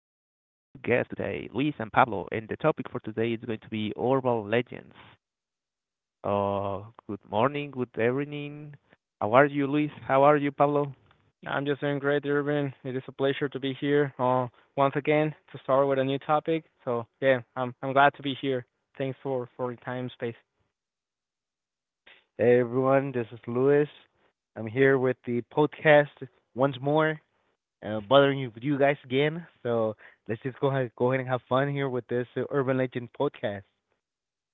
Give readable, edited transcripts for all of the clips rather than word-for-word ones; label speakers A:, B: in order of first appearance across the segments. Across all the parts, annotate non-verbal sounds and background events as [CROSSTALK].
A: guests today, Luis and Pablo, and the topic for today is going to be urban legends. Uh, good morning, good evening. How are you, Luis? How are you, Pablo?
B: I'm just doing great, Urban. It is a pleasure to be here once again to start with a new topic. So yeah, I'm glad to be here. Thanks for the time space.
C: Hey everyone, this is Luis. I'm here with the podcast once more, bothering you guys again. So let's just go ahead and have fun here with this urban legend podcast.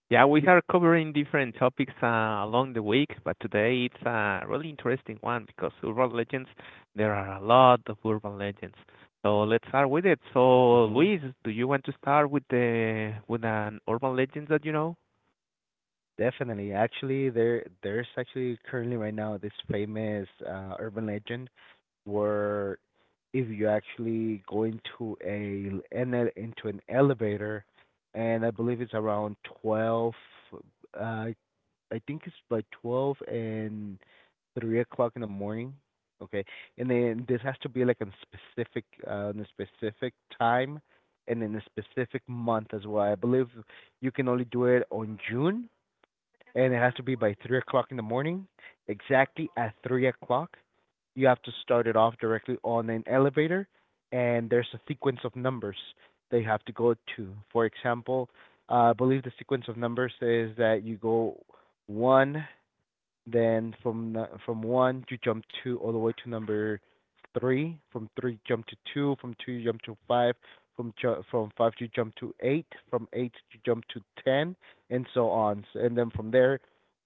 A: Yeah, we are covering different topics along the week, but today it's a really interesting one because urban legends, there are a lot of urban legends. So let's start with it. So,
C: hmm
A: Luis, do you want to start with the with an urban legend that you know?
C: Definitely. Actually, there's actually currently right now this famous urban legend where if you actually go into an elevator, and I believe it's around 12 uh I think it's by 12 and 3 o'clock in the morning. Okay. And then this has to be like a specific time and in a specific month as well. I believe you can only do it on June, and it has to be by 3 o'clock in the morning. Exactly at 3 o'clock, you have to start it off directly on an elevator, and there's a sequence of numbers that you have to go to. For example, I believe the sequence of numbers is that you go one, then from one you jump two all the way to number three. From three jump to two. From two you jump to five. From five you jump to eight. From eight you jump to ten, and so on. And then from there,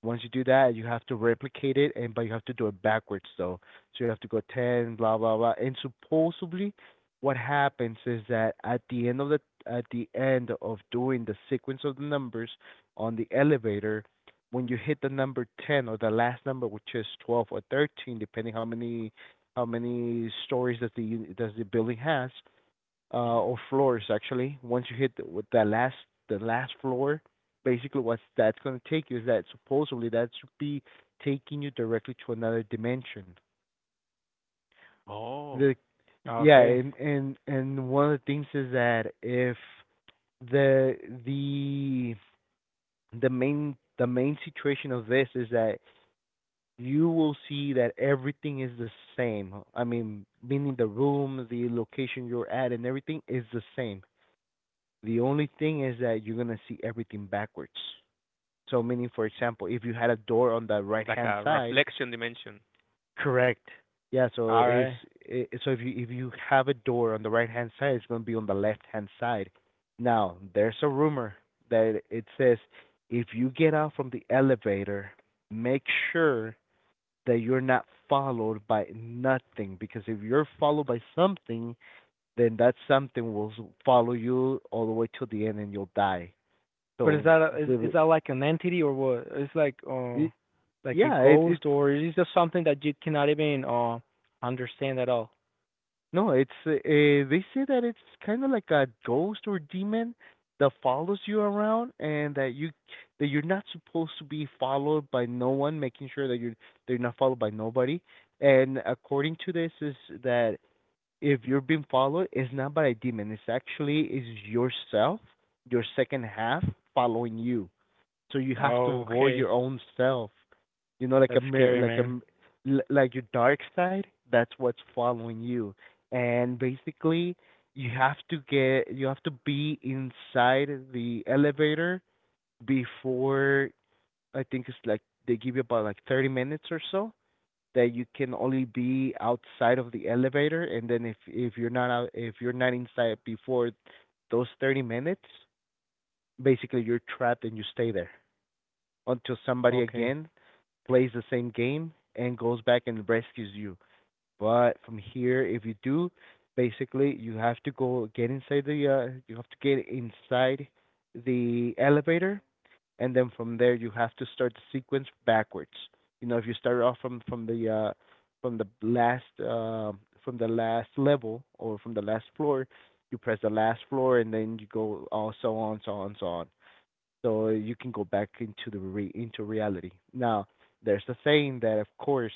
C: once you do that, you have to replicate it, and but you have to do it backwards though. So you have to go ten, blah blah blah. And supposedly, what happens is that at the end of doing the sequence of the numbers on the elevator, when you hit the number 10 or the last number, which is 12 or 13, depending how many stories that does the building has,
A: Mhm.
C: or floors actually. Once you hit with that last floor, basically what that's going to take you is that supposedly that should be taking you directly to another dimension.
A: Oh,
C: The Yeah,
B: Okay,
C: and one of the things is that if the the the main situation of this is that you will see that everything is the same. I mean, meaning the room, the location you're at, and everything is the same. The only thing is that you're gonna see everything backwards. So, meaning, for example, if you had a door on the
A: like
C: right-hand
A: a
C: side,
A: reflection dimension.
C: correct? Yeah.
B: all right.
C: So if you have a door on the right-hand side, it's gonna be on the left-hand side. Now, there's a rumor that it says, if you get out from the elevator, make sure that you're not followed by nothing, because if you're followed by something, then that something will follow you all the way to the end and you'll die.
B: But is
C: So
B: that a, is
C: the
B: that like an entity or what? It's
C: it,
B: like a
C: yeah it
B: ghost
C: it's
B: or is it just something that you cannot even understand at all?
C: no it's they say that it's kind of like a ghost or demon that follows you around, and that you're not supposed to be followed by no one, making sure that you're they're not followed by nobody. And according to this is that if you're being followed, it's not by a demon. It's actually is yourself, your second half following you. So you have to
B: Oh,
C: avoid
B: okay.
C: your own self. You know, like
B: That's
C: a mirror,
B: scary, man.
C: like your dark side. That's what's following you, and basically you have to be inside the elevator before, I think it's like they give you about like 30 minutes or so, that you can only be outside of the elevator. And then if you're not out if you're not inside before those 30 minutes, basically you're trapped and you stay there until somebody
B: Okay,
C: again plays the same game and goes back and rescues you. But from here, if you do, basically you have to go get inside the you have to get inside the elevator, and then from there you have to start the sequence backwards. You know, if you start off from from the last uh, from the last level or from the last floor, you press the last floor and then you go all so on, so on, so on. So you can go back into reality. Now, there's a saying that, of course,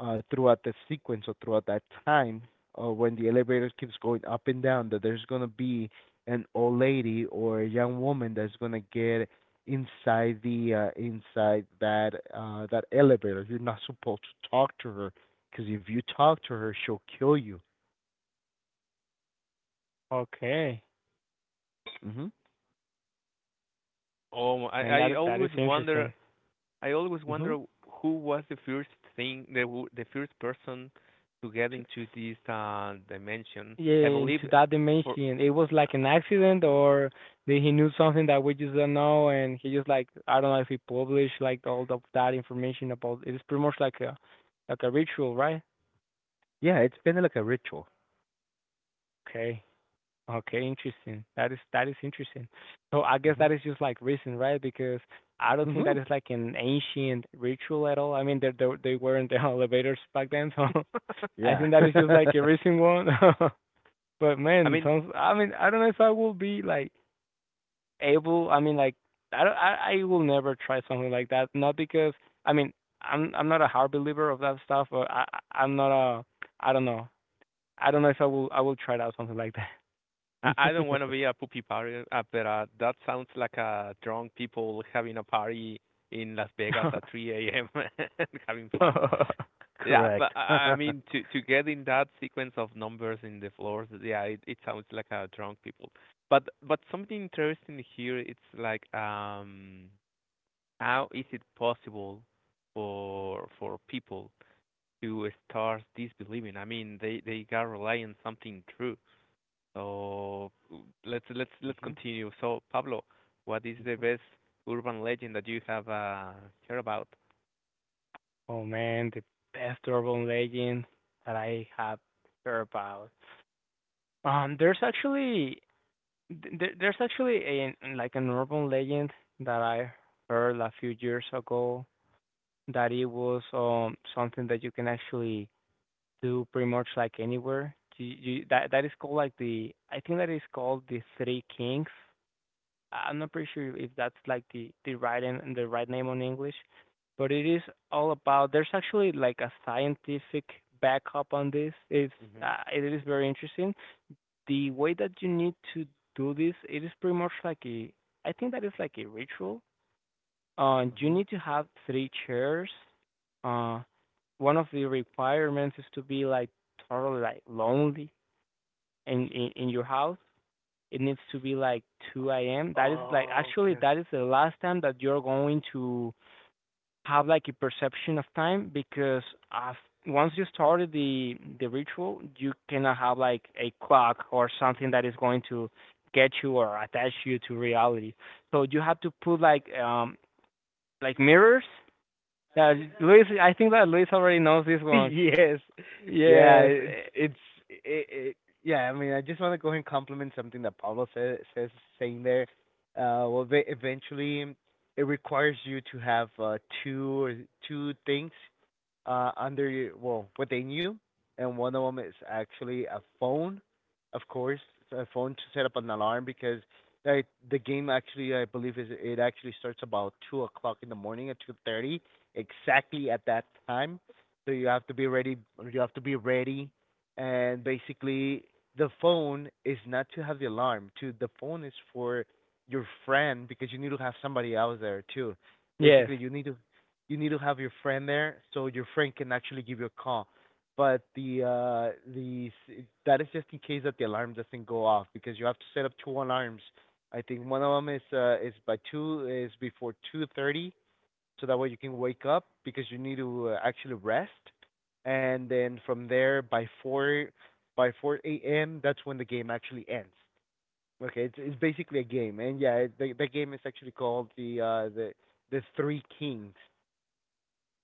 C: throughout the sequence or throughout that time, when the elevator keeps going up and down, that there's going to be an old lady or a young woman that's going to get inside that that elevator. You're not supposed to talk to her, because if you talk to her she'll kill you.
B: okay,
C: Mhm.
A: Oh,
B: man.
A: I
B: That that is
A: always wonder.
B: interesting.
A: I always
C: Mhm.
A: wonder who was the first thing, the first person to get into this dimension. I
B: Yeah,
A: believe
B: into that
A: for.
B: dimension? It was like an accident,
A: [LAUGHS]
B: or did he knew something that we just don't know, and he just like I don't know if he published like all of that information about. It's pretty much like a ritual, right?
C: Yeah, it's been like a ritual.
B: Okay, okay, interesting. That is interesting. So I guess
C: Mhm.
B: that is just like recent, right? Because I don't think that
C: Mhm.
B: is like an ancient ritual at all. I mean, they weren't the [LAUGHS] elevators back then, so [LAUGHS] I
C: Yeah.
B: think that is
C: [LAUGHS]
B: just like a recent one. [LAUGHS] But
A: I
B: man,
A: mean,
B: sounds. I mean, I don't know if I will be like able. I mean, like I don't, I will never try something like that. Not because I mean I'm not a hard believer of that stuff, or I'm not a I don't know. I don't know if I will try out something like
A: I don't want to be a poopy party, but that sounds like drunk people having a party in Las Vegas
B: that.
A: at 3 a.m. [LAUGHS] and having fun.
B: [LAUGHS]
A: Yeah, but
C: Correct.
A: I
C: [LAUGHS] Mhm.
A: mean to get in that sequence of numbers in the floors, yeah, it sounds like a drunk people. But something interesting here, it's like how is it possible for people to start disbelieving? I mean, they got rely on something true. So let's continue. So Pablo, what is the
C: Mhm.
A: best urban legend that you have heard about?
B: Oh man, the best urban legend that I have heard about. There's actually there's actually a like an urban legend that I heard a few years ago that it was something that you can actually do pretty much like anywhere. Do you, that that is called like the I think that is called the Three Kings. I'm not pretty sure if that's like the right and the right name on English, but it is all about. There's actually like a scientific backup on this. It's
C: Mhm.
B: it is very interesting. The way that you need to do this, it is pretty much like a I think that is like a ritual you
C: Mhm.
B: need to have three chairs. Uh, One of the requirements is to be like totally like lonely in your house. It needs to be like 2 a.m. That is like
C: Oh,
B: actually
C: okay.
B: that is the last time that you're going to have like a perception of time because af once you started the ritual, you cannot have like a clock or something that is going to get you or attach you to reality. So you have to put like mirrors, yeah, Luis. I think that Luis already knows this
C: [LAUGHS]
B: one.
C: Yes. Yeah,
B: Yes,
C: it's it, it Yeah, I mean, I just want to go ahead and compliment something that Pablo says, saying there. Well, they, eventually, it requires you to have two or two things under your, well, within you, and one of them is actually a phone. Of course, a phone to set up an alarm, because the the game actually, I believe is it actually starts about 2 o'clock in the morning at 2:30, exactly at that time. So you have to be ready. You have to be ready, and basically the phone is not to have the alarm. To the phone is for your friend, because you need to have somebody else there too.
B: yes,
C: Basically, you need to have your friend there so your friend can actually give you a call. But the that is just in case that the alarm doesn't go off, because you have to set up two alarms. I think one of them is by two, is before 2:30, so that way you can wake up because you need to actually rest. And then from there by four a.m. that's when the game actually ends. Okay, it's basically a game, and yeah, the game is actually called the Three Kings.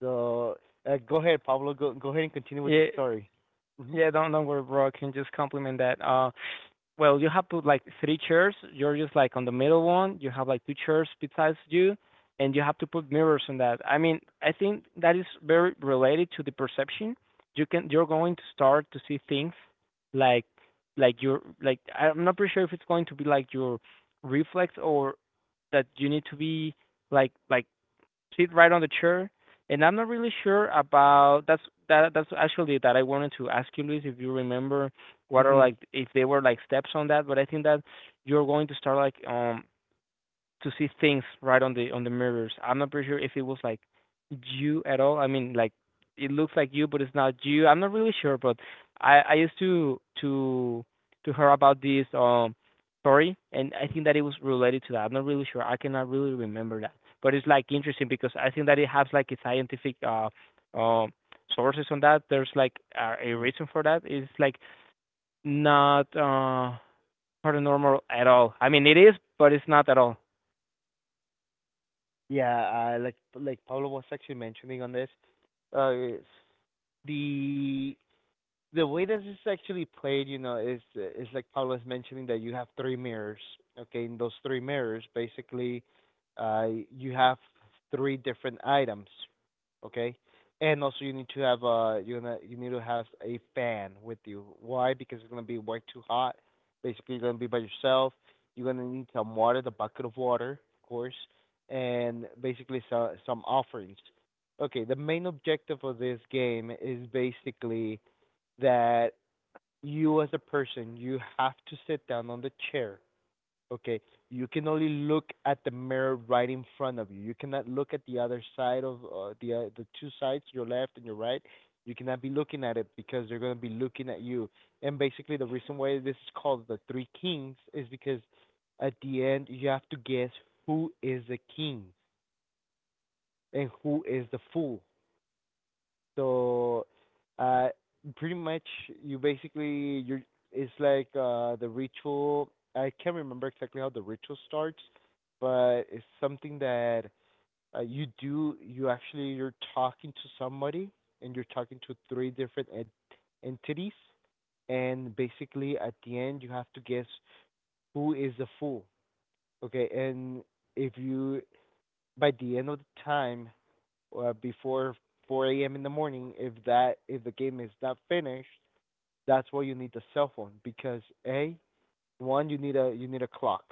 C: The Uh, go ahead, Pablo. Go ahead and continue with the
B: yeah,
C: story. Mhm.
B: yeah. Don't worry, bro. I can just compliment that. Well, you have to like three chairs. You're just like on the middle one. You have like two chairs besides you, and you have to put mirrors on that. I mean, I think that is very related to the perception. You can you're going to start to see things like like your like I'm not pretty sure if it's going to be like your reflex or that you need to be like sit right on the chair. And I'm not really sure about that's that that's actually that I wanted to ask you, Luis, if you remember what are
C: Mhm.
B: like if they were like steps on that. But I think that you're going to start like to see things right on the mirrors. I'm not pretty sure if it was like you at all. I mean, like it looks like you, but it's not you. I'm not really sure, but I used to hear about this story, and I think that it was related to that. I'm not really sure. I cannot really remember that, but it's like interesting because I think that it has like a scientific um sources on that. There's like a
C: Mhm.
B: reason for that. It's like not paranormal at all. I mean, it is, but it's not at all.
C: Yeah, like Pablo was actually mentioning on this, uh, the the way that it's actually played, you know, is like Paul is mentioning, that you have three mirrors. Okay, in those three mirrors, basically, uh, you have three different items. Okay, and also you need to have you need to have a fan with you. Why? Because it's gonna be way too hot. Basically, you're gonna be by yourself. You're gonna need some water, the bucket of water, of course, and basically so, some offerings. Okay, the main objective of this game is basically that you as a person, you have to sit down on the chair. Okay, you can only look at the mirror right in front of you. You cannot look at the other side of, the two sides, your left and your right. You cannot be looking at it because they're going to be looking at you. And basically the reason why this is called the three kings is because at the end you have to guess who is the king and who is the fool. So, uh, pretty much you basically you're it's like the ritual. I can't remember exactly how the ritual starts, but it's something that you do. You actually you're talking to somebody, and you're talking to three different entities, and basically at the end you have to guess who is the fool. Okay, and if you, by the end of the time, before 4 a.m. in the morning, if that, if the game is not finished, that's why you need the cell phone. Because a one, you need a, you need a clock.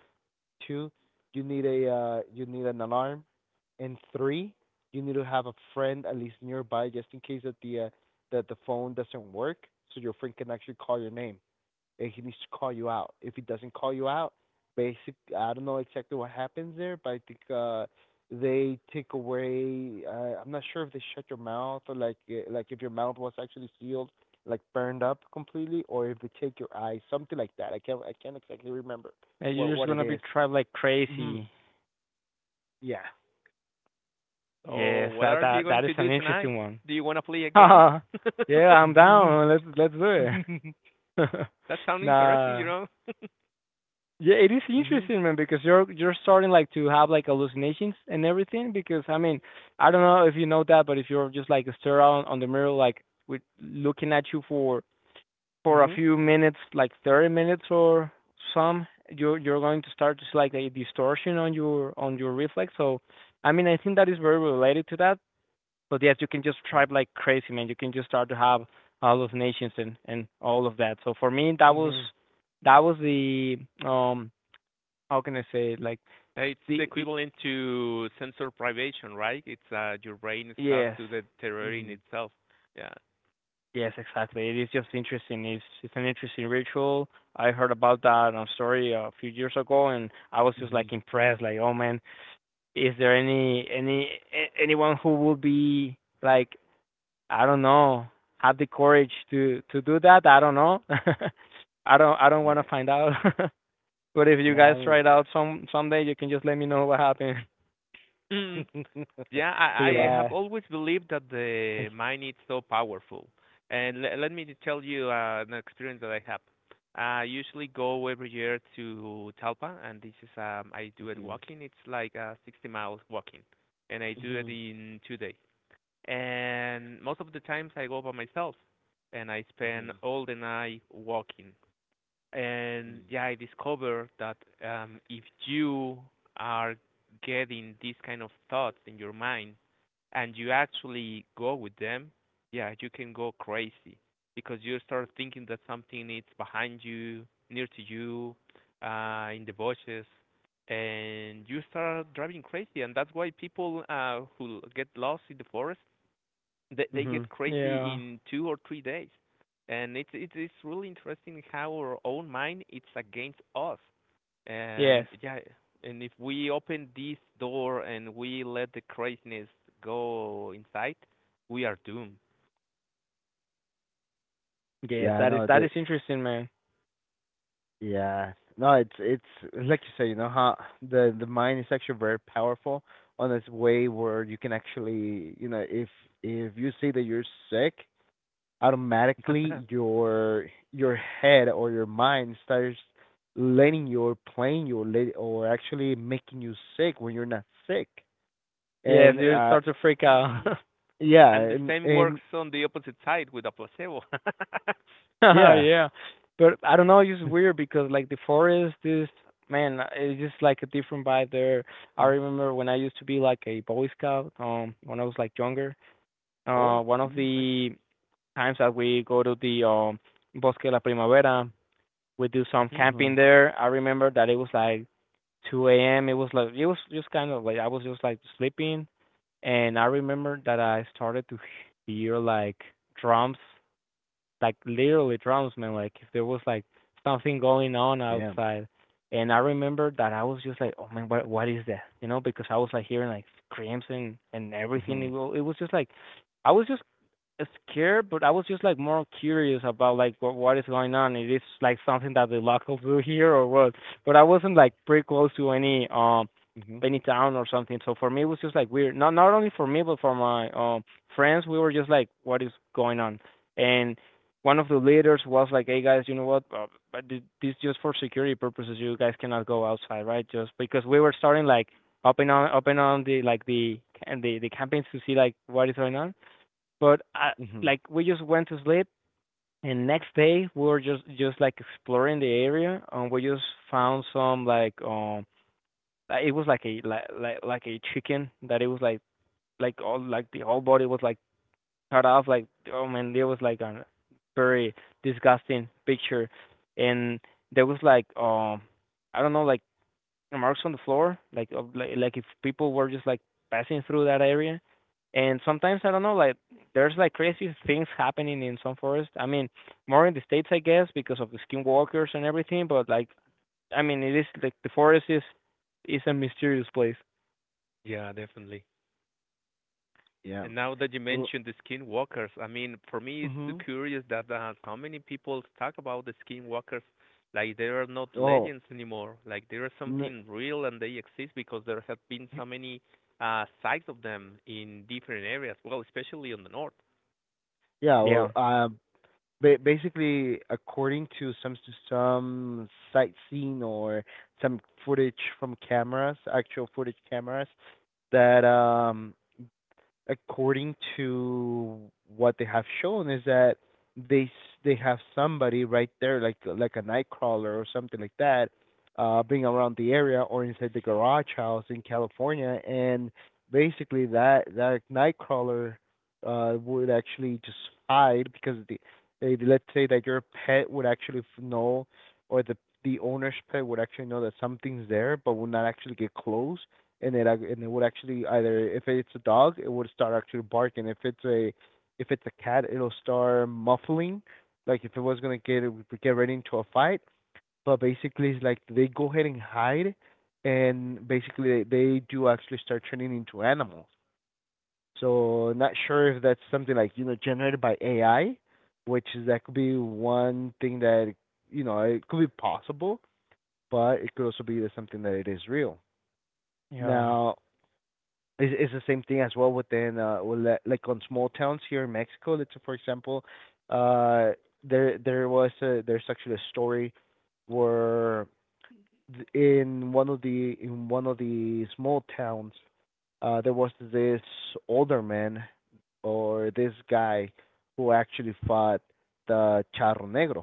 C: Two, you need a, you need an alarm. And three, you need to have a friend at least nearby, just in case that the phone doesn't work, so your friend can actually call your name, and he needs to call you out. If he doesn't call you out, basic, I don't know exactly what happens there, but I think they take away, I'm not sure if they shut your mouth or like, like if your mouth was actually sealed, like burned up completely, or if they take your eyes, something like that. I can't exactly remember
B: And you're just
C: what
B: gonna
C: it
B: be
C: is.
B: trapped like
C: Mhm.
B: crazy.
C: Yeah.
A: So,
B: Yes,
A: what
B: that
A: are you
B: that
A: going
B: that is
A: to
B: an
A: do tonight?
B: interesting one.
A: Do you want to play a
B: [LAUGHS]
A: game? [LAUGHS]
B: Yeah,
C: [LAUGHS]
B: I'm
C: Mhm.
B: down. Let's do it.
A: That
B: [LAUGHS]
A: sounds interesting, you
B: Nah.
A: know. [LAUGHS]
B: Yeah, it is
C: Mhm.
B: interesting, man, because you're starting like to have like hallucinations and everything. Because I mean, I don't know if you know that, but if you're just like stare out on the mirror, like with looking at you for a
C: Mhm.
B: few minutes, like 30 minutes or some, you're going to start to see like a distortion on your reflex. So, I mean, I think that is very related to that. But yes, you can just tribe like crazy, man. You can just start to have hallucinations and all of that. So for me,
C: Mhm. Mhm.
B: that was the um how can I say it? Like
A: It's the
B: the
A: equivalent to sensory privation, right? It's your brain starts
B: yes
A: to deteriorating
C: Mhm.
A: itself. Yeah.
B: yes exactly. It is just interesting. It's an interesting ritual. I heard about that on a story a few years ago, and I was just like
C: Mhm. [LAUGHS]
B: impressed. Like oh man, is there any anyone who would be like I don't know have the courage to do that? I don't know. [LAUGHS] I don't want to
C: Yeah.
B: find out. [LAUGHS] But if you
C: Yeah,
B: guys
C: that
B: try
C: was
B: it
A: Yeah.
B: out some someday, you can just let me know what happened
A: Mm.
C: [LAUGHS]
A: Yeah,
B: [LAUGHS] to your
A: I
B: boss.
A: have
C: Yeah.
A: always believed that the
B: Thank
A: mind is so powerful. And let me tell you an experience that I have. I usually go every year to Talpa, and this is I do it
C: Mhm.
A: walking. It's like 60 miles walking, and I do it
C: Mhm.
A: in 2 days. And most of the times I go by myself, and I spend
C: Mhm.
A: all the night walking and
C: Mm.
A: yeah, I discovered that if you are getting these kind of thoughts in your mind and you actually go with them, yeah, you can go crazy because you start thinking that something is behind you, near to you, in the bushes, and you start driving crazy. And that's why people who get lost in the forest they
C: Hmm.
A: get
B: you.
A: crazy
B: Yeah.
A: in 2 or 3 days, and it's really interesting how our own mind it's against us, and
B: Yes.
A: yeah, and if we open this door and we let the craziness go inside, we are doomed.
B: Yes.
C: Yeah, no,
B: That
C: the
B: is interesting, man.
C: yeah, no, it's like you say. You know how the mind is actually very powerful on its way where you can actually, you know, if you say that you're sick, automatically
A: [LAUGHS]
C: your head or your mind starts letting you or playing you, or let, or actually making you sick when you're not sick.
B: Yes,
C: And
A: and
B: you
A: then,
C: uh
B: start to freak out.
A: hmm
B: [LAUGHS]
C: yeah,
A: and the
C: and
A: same works
C: and
A: on the opposite side with a placebo.
B: [LAUGHS]
C: yeah.
B: Yeah. But I don't know, it's weird
C: [LAUGHS]
B: because like the forest is man, it's just like a different vibe there. I remember when I used to be like a Boy Scout, when I was like younger.
A: [LAUGHS] Oh,
B: One of
C: Mhm.
A: nice.
B: the times that we go to the Bosque de la Primavera, we do some
A: Hmm.
B: camping
C: Mhm.
B: there. I remember that it was like 2 a.m. It was like it was just kind of like I was just like sleeping, and I remember that I started to hear like drums like literally drowns me. Like if there was like something going on
C: Yeah.
B: outside, and I remember that I was just like, oh man, what is that? You know, because I was like hearing like screams and everything. It,
C: Mhm.
B: it was just like I was just scared, but I was just like more curious about like what is going on. Is this like something that the locals do [LAUGHS] here or what? But I wasn't like pretty close to
C: Mhm.
B: any town or something. So for me it was just like weird. Not not only for me but for my friends, we were just like, what is going on? And one of the leaders was like, hey guys, you know what? But this just for security purposes. You guys cannot go outside, right? Just because we were starting like up and on the like the and the campaigns to see like what is going on but I,
C: Mhm.
B: like we just went to sleep, and next day we were just like exploring the area, and we just found some like it was like a like like a chicken that it was like all like the whole body was like cut off like oh man there was like a very disgusting picture and there was like I don't know like marks on the floor, like of, like if people were just like passing through that area. And sometimes I don't know, like there's like crazy things happening in some forests. I mean, more in the states, I guess, because of the skinwalkers and everything. But like, I mean, it is like the forest is a mysterious place.
A: Yeah, definitely.
C: Yeah.
A: And now that you
C: Oh.
A: mentioned the skinwalkers, I mean, for me, it's too
C: Mhm.
A: curious that so many people talk about the skinwalkers like they are not
C: Oh.
A: legends anymore. Like they are
C: N-
A: something real and they exist because there have been so many sites of them in different areas. Well, especially on the north.
C: yeah. Well.
B: Yeah,
C: Basically, according to some some sightseeing, or some footage from cameras, actual footage cameras, that according to what they have shown is that they have somebody right there, like a nightcrawler or something like that, being around the area or inside the garage house in California. And basically that nightcrawler would actually just hide, because they, let's say that your pet would actually know, or the owner's pet would actually know that something's there, but would not actually get close. And it would actually, either if it's a dog it would start actually barking, if it's a cat it'll start muffling, like if it was gonna get ready into a fight. But basically it's like they go ahead and hide, and basically they do actually start turning into animals. So, not sure if that's something, like, you know, generated by AI, which is, that could be one thing that, you know, it could be possible, but it could also be that something that it is real.
B: yeah.
C: Now, is the same thing as well within well, like on small towns here in Mexico. Let's say, for example, uh there's actually a story where in one of the in one of the small towns there was this older man, or this guy, who actually fought the Charro Negro.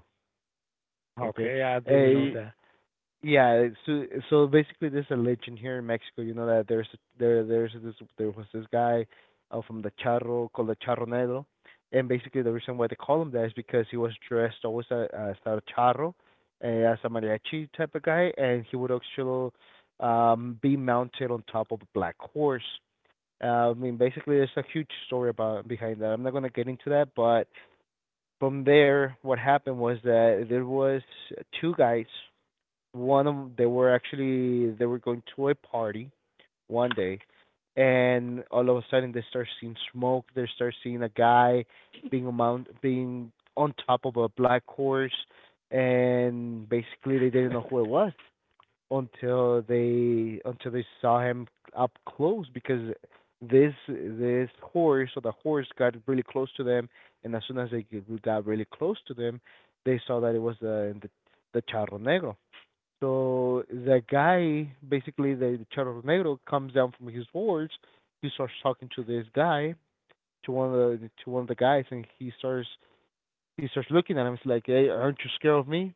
C: Okay,
B: Okay, I didn't know
C: uh,
A: Hmm.
B: that.
C: yeah. So basically, there's a legend here in Mexico. You know that there was this guy, from the Charro, called the Charro Negro. And basically the reason why they call him that is because he was dressed always as a charro, as a mariachi type of guy, and he would actually be mounted on top of a black horse. I mean, basically, there's a huge story about behind that. I'm not gonna get into that, but from there, what happened was that there was two guys. One of They were going to a party one day, and all of a sudden they start seeing smoke, they start seeing a guy being on top of a black horse, and basically they didn't know who it was until they saw him up close, because this horse or the horse got really close to them. And as soon as they got really close to them, they saw that it was the Charro Negro. So the guy, basically the Charro Negro, comes down from his horse. He starts talking to this guy, to one of the to one of the guys, and he starts looking at him. He's like, "Hey, aren't you scared of me?"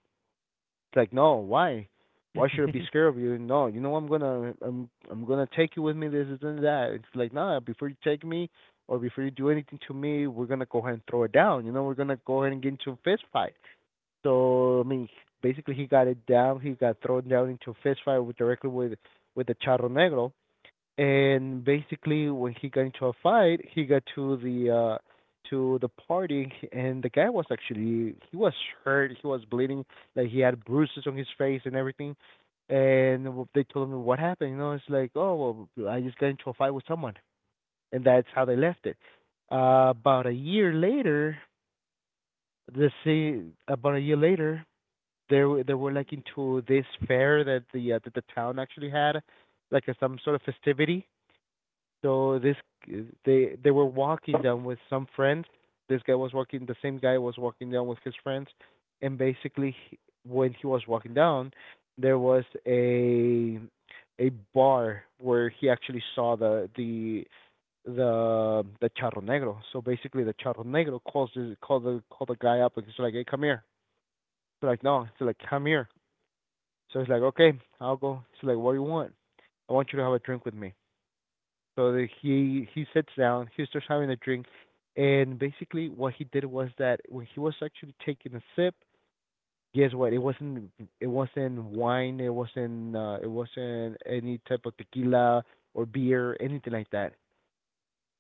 C: It's like, "No, why? Why should I be scared
B: [LAUGHS]
C: of you? No, you know, I'm gonna, I'm gonna take you with me. This and that." It's like, "Nah, before you take me, or before you do anything to me, we're gonna go ahead and throw it down. You know, we're gonna go ahead and get into a fist fight." So, I mean, basically he got it down. He got thrown down into a fist fight with, directly with the Charro Negro. And basically when he got into a fight, he got uh to the party, and the guy was actually, he was hurt. He was bleeding. Like, he had bruises on his face and everything. And they told him what happened. You know, it's like, "Oh well, I just got into a fight with someone," and that's how they left it. About a year later, the same about a year later, they were like into this fair that the town actually had, like a, some sort of festivity. So this they were walking down with some friends. This guy was walking. The same guy was walking down with his friends, and basically when he was walking down, there was a bar where he actually saw the Charro Negro. So basically, the Charro Negro calls his, called the guy up, and he's like, "Hey, come here." He's like, "No." He's like, "Come here." So he's like, "Okay, I'll go." He's like, "What do you want?" "I want you to have a drink with me." So he sits down. He starts having a drink, and basically what he did was that when he was actually taking a sip, guess what? It wasn't wine. It wasn't any type of tequila or beer, anything like that.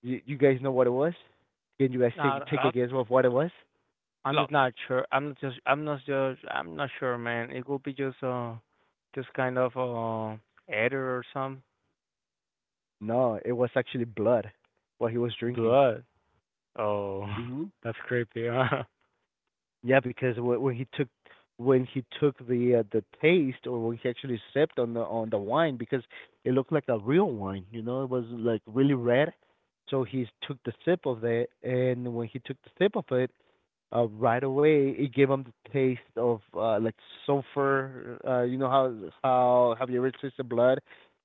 C: You guys know what it was? Can you guys take
B: I,
C: a
A: Lot,
C: guess of what it was?
B: I'm just
A: lot.
B: not sure. I'm not just. I'm not just. I'm not sure, man. It could be just kind of error or some
C: No, it was actually blood. What he was drinking.
B: blood. Oh,
C: Mhm.
B: [LAUGHS] that's creepy, huh?
C: Yeah, because when he took, the taste, or when he actually sipped on the wine, because it looked like a real wine, you know. It was like really red. So he took the sip of it, and when he took the sip of it, right away it gave him the taste of, like, sulfur. You know how, have you ever tasted blood?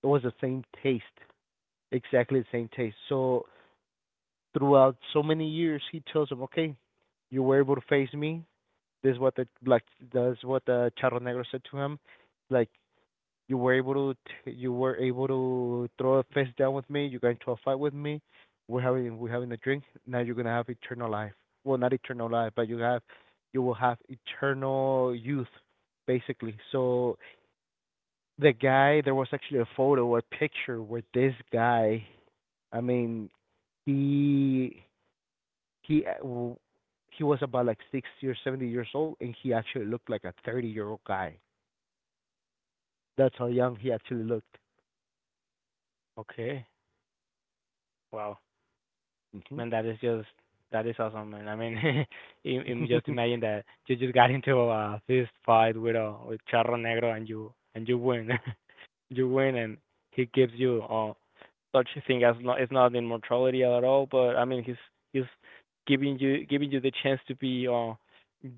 C: It was the same taste, exactly the same taste. So, throughout so many years, he tells him, "Okay, you were able to face me." This is what the like That's what the Charro Negro said to him. Like, "You were able to throw a fist down with me. You got into a fight with me. We're having a drink. Now you're gonna have eternal life. Well, not eternal life, but you will have eternal youth." Basically. So the guy, there was actually a photo, a picture where this guy, I mean, he he uh, w- he was about like 60 or 70 years old, and he actually looked like a 30-year-old guy. That's how young he actually looked.
B: Okay. Wow.
C: Mhm.
B: Man, that is just that is awesome, man. I mean, [LAUGHS] just imagine that you just got into a fist fight with a with Charro Negro and you win. [LAUGHS] You win and he gives you such a thing as not is not immortality at all, but I mean he's giving you the chance to be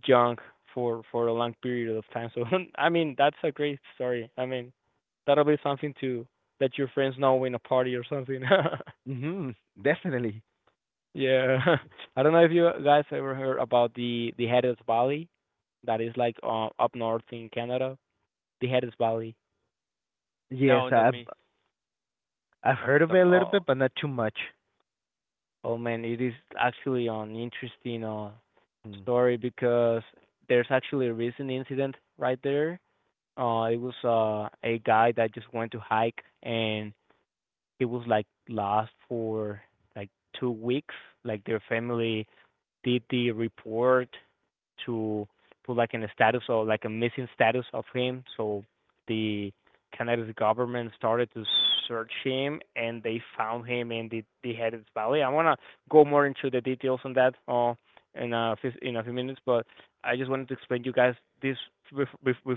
B: young for a long period of time. So [LAUGHS] I mean that's a great story. I mean that'll be something to let your friends know in a party or something.
C: Mhm. [LAUGHS] Definitely.
B: [LAUGHS] Yeah. [LAUGHS] I don't know if you guys ever heard about the Headless Valley that is like up north in Canada. The Headless Valley.
C: Yes,
A: No, not
C: I've
A: me.
C: heard of it
A: Sorry.
C: a little
B: Uh,
C: bit, but not too much.
B: Oh man, it is actually an interesting
C: Mm.
B: story because there's actually a recent incident right there. It was a guy that just went to hike and he was like lost for like 2 weeks. Like their family did the report to put like in a status or like a missing status of him. So the Canada's government started to search him and they found him in the Headed Valley. I wanna go more into the details on that in a in a few minutes, but I just wanted to explain to you guys this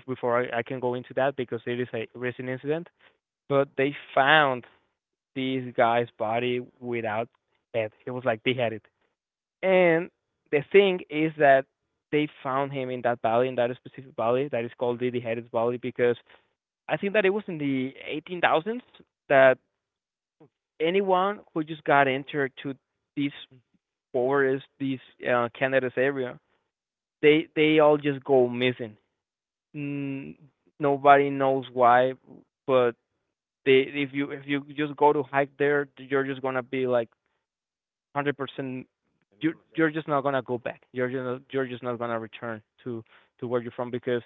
B: before I can go into that because it is a recent incident. But they found this guy's body without head. It was like they had it. And the thing is that they found him in that valley, in that specific valley that is called The Headed Valley, because I think that it was in the 18,000s that anyone who just got entered to this forest, this Canada's area, they all just go missing. Mm, nobody knows why, but they if you just go to hike there, you're just gonna be like hundred percent you're just not gonna go back. You're you know you're just not gonna return to where you're from because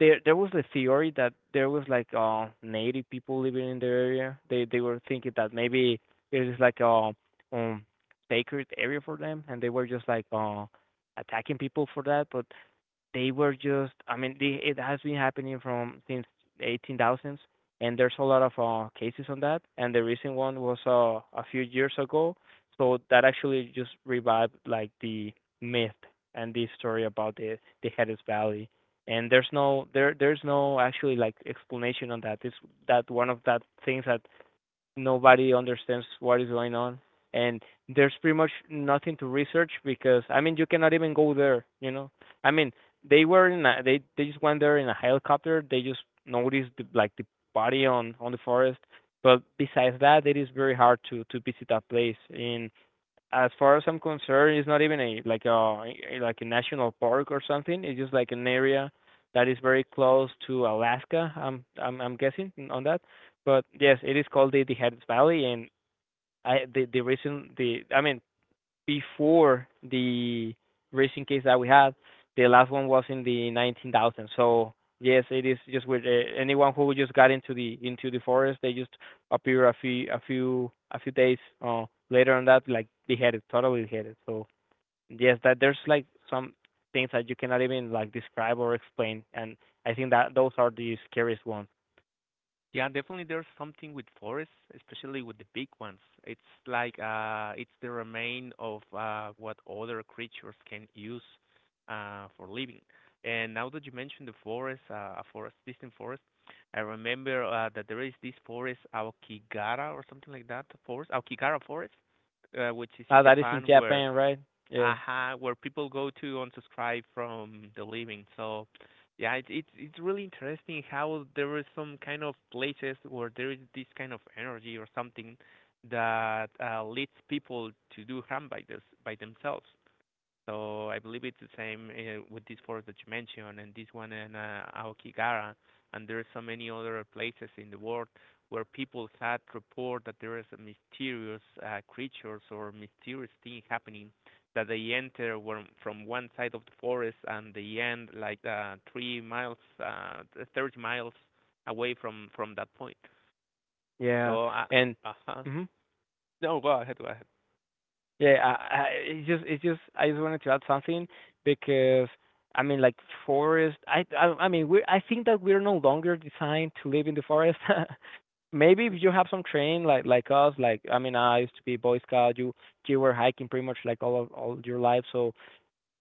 B: there was a theory that there was like native people living in the area. They were thinking that maybe it is like a um sacred area for them and they were just like attacking people for that, but they were just I mean it has been happening from since 18,000s, and there's a lot of cases on that, and the recent one was a few years ago, so that actually just revived like the myth and the story about the Headless Valley, and there's no there's no actually like explanation on that. It's that one of that things that nobody understands what is going on, and there's pretty much nothing to research because I mean you cannot even go there, you know. I mean they were in they just went there in a helicopter. They just noticed like the body on the forest. But besides that, it is very hard to visit that place. And as far as I'm concerned, it's not even a like a like a national park or something. It's just like an area that is very close to Alaska. I'm guessing on that. But yes, it is called the Headed Valley, and I the reason the I mean before the racing case that we had. The last one was in the 19,000. So yes, it is just with anyone who just got into the forest, they just appear a few a few days later on, that like beheaded, totally beheaded. So yes, that there's like some things that you cannot even like describe or explain, and I think that those are the scariest ones.
A: Yeah, definitely there's something with forests, especially with the big ones. It's like it's the remain of what other creatures can use for living. And now that you mentioned the forest, a distant forest, I remember that there is this forest Aokigara or something like that forest, Aokigara forest, which is in
B: That is in
A: Japan where
B: Japan, right? Yeah,
A: uh-huh, where people go to unsubscribe from the living. So yeah, it's really interesting how there is some kind of places where there is this kind of energy or something that leads people to do harm by this by themselves. So I believe it's the same with these forest that you mentioned and this one in Aokigara. And there are so many other places in the world where people had report that there is a mysterious creatures or mysterious thing happening that they enter from one side of the forest and they end like 3 miles, 30 miles away from that point.
B: yeah,
A: So,
B: and.
A: uh-huh.
B: Mhm.
A: No, go ahead, go ahead.
B: Yeah, I it's just I just wanted to add something because I mean like forest I mean we I think that we're no longer designed to live in the forest. [LAUGHS] Maybe if
A: [LAUGHS]
B: you have some train like us, like I mean I used to be Boy Scout, you were hiking pretty much like all of all your life, so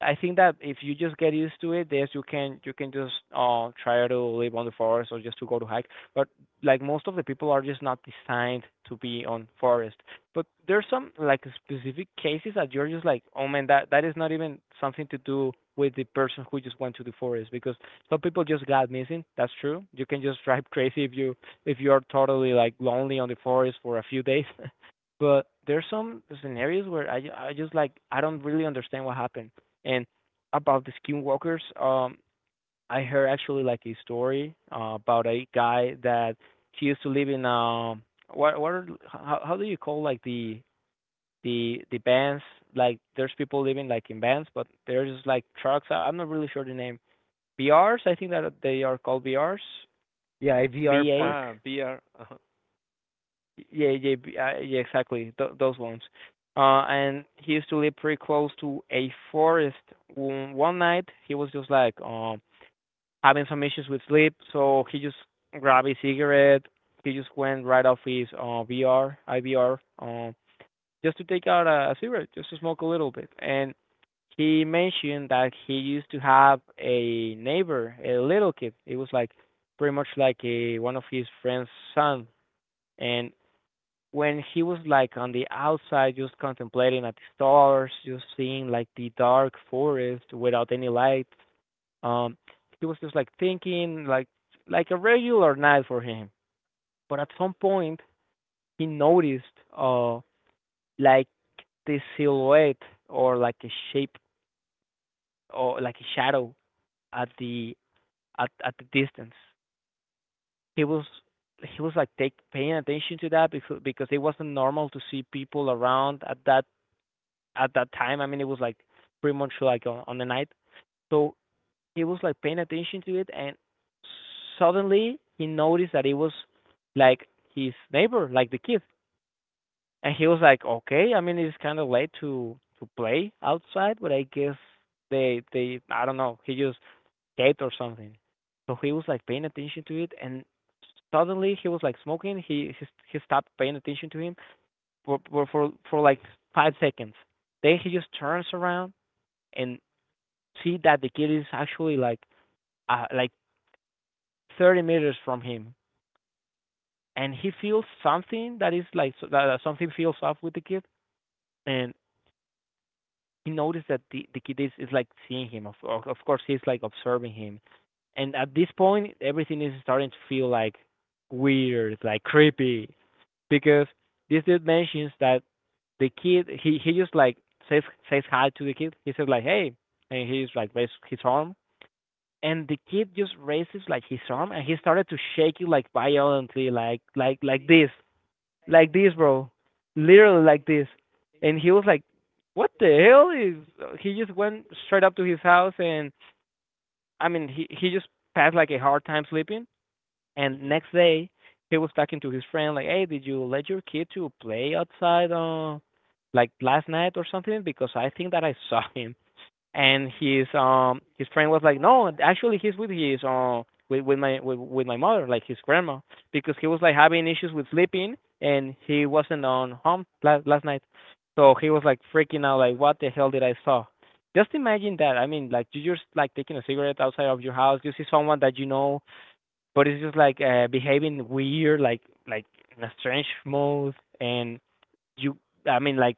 B: I think that if you just get used to it, yes, you can just try to live on the forest or just to go to hike. But like most of the people are just not designed to be on forest. But there's some like specific cases that you're just like, oh man, that that is not even something to do with the person who just went to the forest because some people just got missing. That's true. You can just [LAUGHS] drive crazy if you if you're totally like lonely on the forest for a few days. [LAUGHS] but there's some scenarios where I just like I don't really understand what happened. And about the skinwalkers, I heard actually like a story about a guy that he used to live in what are how do you call like the vans, like there's people living like in vans but there's like trucks. I'm not really sure the name. BRs, I think that they are called BRs,
C: Yeah, IVR
B: BAs.
C: Park.
A: Ah, beer. Uh-huh.
B: Yeah, yeah, yeah, exactly those ones. And he used to live pretty close to a forest. One night he was just like having some issues with sleep, so he just grabbed a cigarette. He just went right off his VR, IVR, just to take out a cigarette, just to smoke a little bit. And he mentioned that he used to have a neighbor, a little kid. It was like pretty much like a one of his friend's son. And when he was like on the outside, just contemplating at the stars, just seeing like the dark forest without any lights, um, he was just like thinking like a regular night for him. But at some point he noticed uh like the silhouette or like a shape or like a shadow at the at the distance. He was he was like take paying attention to that because it wasn't normal to see people around at that time. I mean it was like pretty much like on the night. So he was like paying attention to it and suddenly he noticed that it was like his neighbor, like the kid. And he was like, okay, I mean it's kinda late to play outside, but I guess they I don't know, he just ate or something. So he was like paying attention to it and suddenly he was like smoking, he stopped paying attention to him for for like 5 seconds. Then he just turns around and see that the kid is actually like 30 meters from him, and he feels something that is like that something feels off with the kid, and he noticed that the kid is like seeing him, of course he's like observing him, and at this point everything is starting to feel like weird, like creepy, because this dude mentions that the kid he just like says says hi to the kid, he says like hey, and he's like raises his arm, and the kid just raises like his arm, and he started to shake it like violently, like like this, like this, bro, literally like this. And he was like, "What the hell is?" He just went straight up to his house, and I mean, he just passed like a hard time sleeping. And
A: Hmm.
B: next day, he was talking to his friend like, "Hey, did you let your kid to play outside like last night or something? Because I think that I saw [LAUGHS] him." and his friend was like, no, actually he's with his with with my mother, like his grandma, because he was like having issues with sleeping and he wasn't on home last night, so he was like freaking out, like what the hell did I saw? Just imagine that. I mean, like you're just like taking a cigarette outside of your house, you see someone that you know, but it's just like behaving weird, like in a strange mode, and you, I mean, like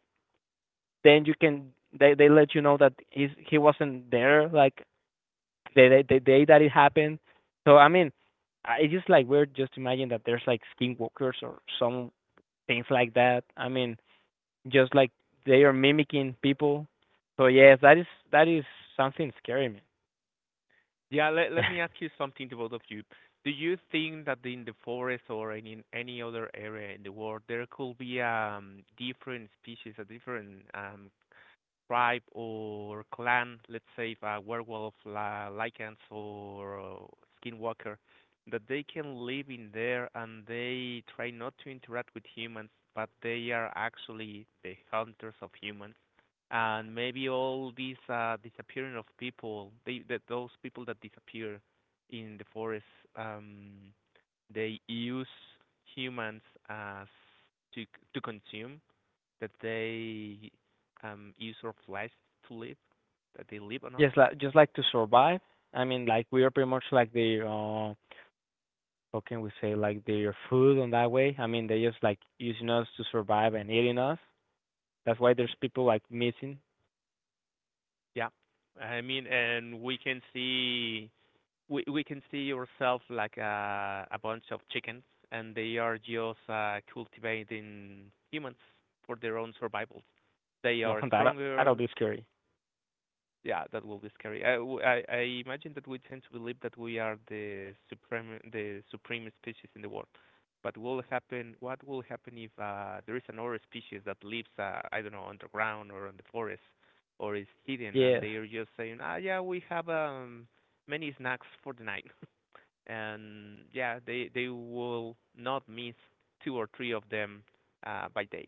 B: then you can they let you know that he wasn't there like the day that it happened. So I mean, it's just like weird just to imagine that there's like skinwalkers or some things like that. I mean, just like they are mimicking people. So yes, that is something scary, man.
A: Yeah, let let me
B: [LAUGHS]
A: ask you something to both of you. Do you think that in the forest or in any other area in the world, there could be different species a different tribe or clan, let's say if a werewolf, lycans, or skinwalker, that they can live in there and they try not to interact with humans, but they are actually the hunters of humans. And maybe all these disappearing of people, they that those people that disappear in the forest, um, they use humans as to to consume that they use our flesh to live, that they live on us.
B: Just like to survive. I mean, like we are pretty much like the how can we say like their food on that way. I mean, they just like using us to survive and eating us. That's why
A: Mhm.
B: there's people like missing. [LAUGHS]
A: Yeah. I mean, and we can see ourselves like a bunch of chickens, and they are just cultivating humans for their own survival. They
B: No,
A: are
B: that that'll
A: stronger.
B: be scary.
A: Yeah, that will be scary. I imagine that we tend to believe that we are the supreme species in the world. But will happen? What will happen if there is another species that lives, I don't know, underground or in the forest, or is hidden, and
B: Yes.
A: they are just saying, "Ah, yeah, we have many snacks for the night," [LAUGHS] and yeah, they will not miss two or three of them by day.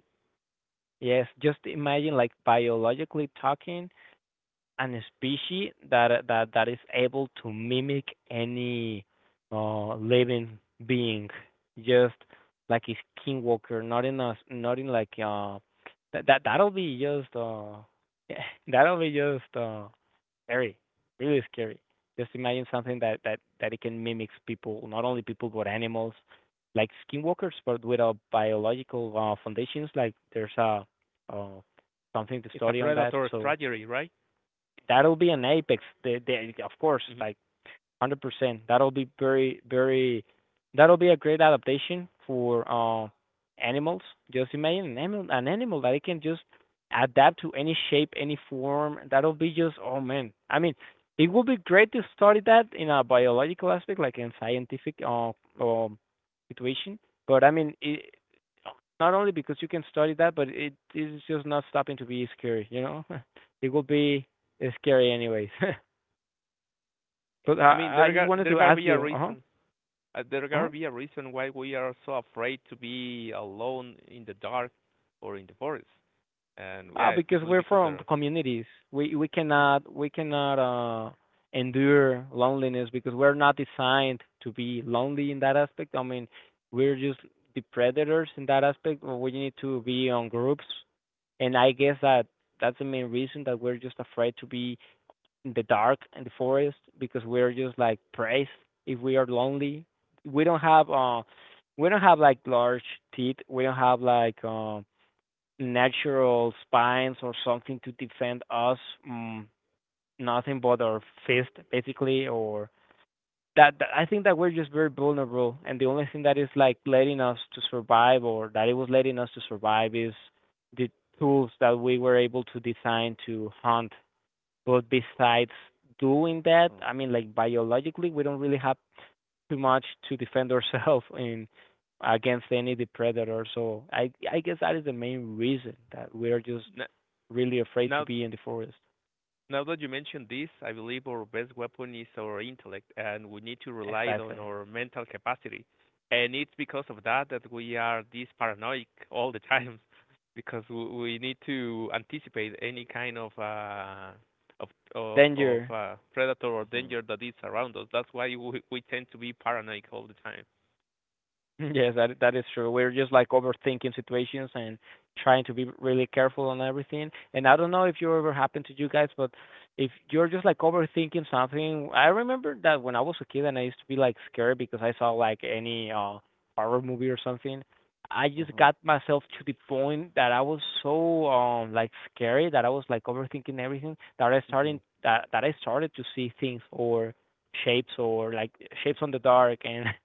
B: Yes, just imagine like biologically talking an species that is able to mimic any living being just like a skinwalker, not in a not in like that'll be just [LAUGHS] that'll be just scary, really scary. Just imagine something that it can mimic people, not only people but animals, like skinwalkers, but with a biological foundations. Like there's a uh, something to
A: It's a
B: study on that.
A: predator
B: So
A: strategy, right?
B: that'll be an apex. They, of course,
A: Hmm.
B: like hundred percent. That'll be very, very. That'll be a great adaptation for animals. Just imagine an animal that it can just adapt to any shape, any form. That'll be just, oh man. I mean, it would be great to study that in a biological aspect, like in scientific um situation. But it, not only because you can study that, but it is just not stopping to be scary. [LAUGHS] It will be scary anyways. [LAUGHS] But
A: I mean,
B: I just wanted
A: there
B: to
A: gotta
B: ask
A: be a
B: you, uh-huh,
A: reason. There gotta
B: uh-huh,
A: be a reason why we are so afraid to be alone in the dark or in the forest, and
B: ah,
A: yeah,
B: because
A: especially
B: we're
A: because there
B: from
A: are,
B: communities. We we
A: hmm,
B: cannot we cannot uh endure loneliness because we're not designed to be lonely in that aspect. I mean, we're just the predators in that aspect. Well, we need to be on groups, and I guess that that's the main reason that we're just afraid to be in the dark in the forest because we're just like praised if we are lonely. We don't have uh we don't have like large teeth. We don't have like natural spines or something to defend us. Mm, nothing but our fist basically or that I think that we're just very vulnerable, and the only thing that is like letting us to survive or that it was letting us to survive is the tools that we were able to design to hunt. But besides doing that,
C: Mm.
B: I mean, like biologically, we don't really have too much to defend ourselves [LAUGHS] in against any predator. So I guess that is the main reason that we are just
A: n-
B: really afraid to
A: now
B: be in the forest.
A: now that you mentioned this, I believe our best weapon is our intellect, and we need to rely on
B: Exactly.
A: our mental capacity. And it's because of that that we are this paranoid all the time, [LAUGHS] because we need to anticipate any kind of of of
B: Danger.
A: predator or
C: Mhm.
A: danger that is around us. That's why we tend to be paranoid all the time.
B: [LAUGHS] Yes, that that is true. We're just like overthinking situations and trying to be really careful on everything. And I don't know if you ever happened to you guys, but if you're just like overthinking something, I remember that when I was a kid and I used to be like scared because I saw like any horror movie or something. I just
C: Mhm.
B: got myself to the point that I was so like scary that I was like overthinking everything that
C: Mhm.
B: I started to see things or shapes or like shapes on the dark, and [LAUGHS]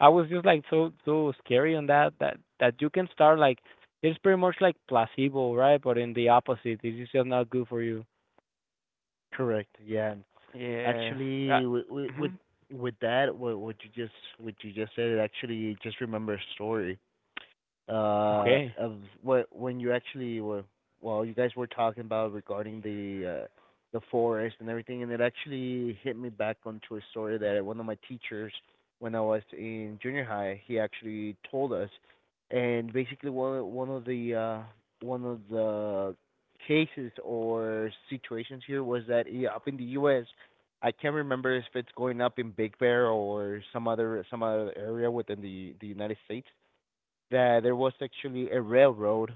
B: I was just like so scary on that that that you can start like it's pretty much like placebo, right? But in the opposite, this is just not good for you.
C: Correct. Yeah, and
B: Yes. Uh,
C: actually, with
B: mhm.
C: that, what what you just said, it actually just remember a story.
B: Okay.
C: Of what when you actually were Well, you guys were talking about, regarding the forest and everything, and it actually hit me back onto a story that one of my teachers, when I was in junior high, he actually told us. And basically one of the cases or situations here was that, yeah, up in the U.S., I can't remember if it's going up in Big Bear or some other area within the United States, that there was actually a railroad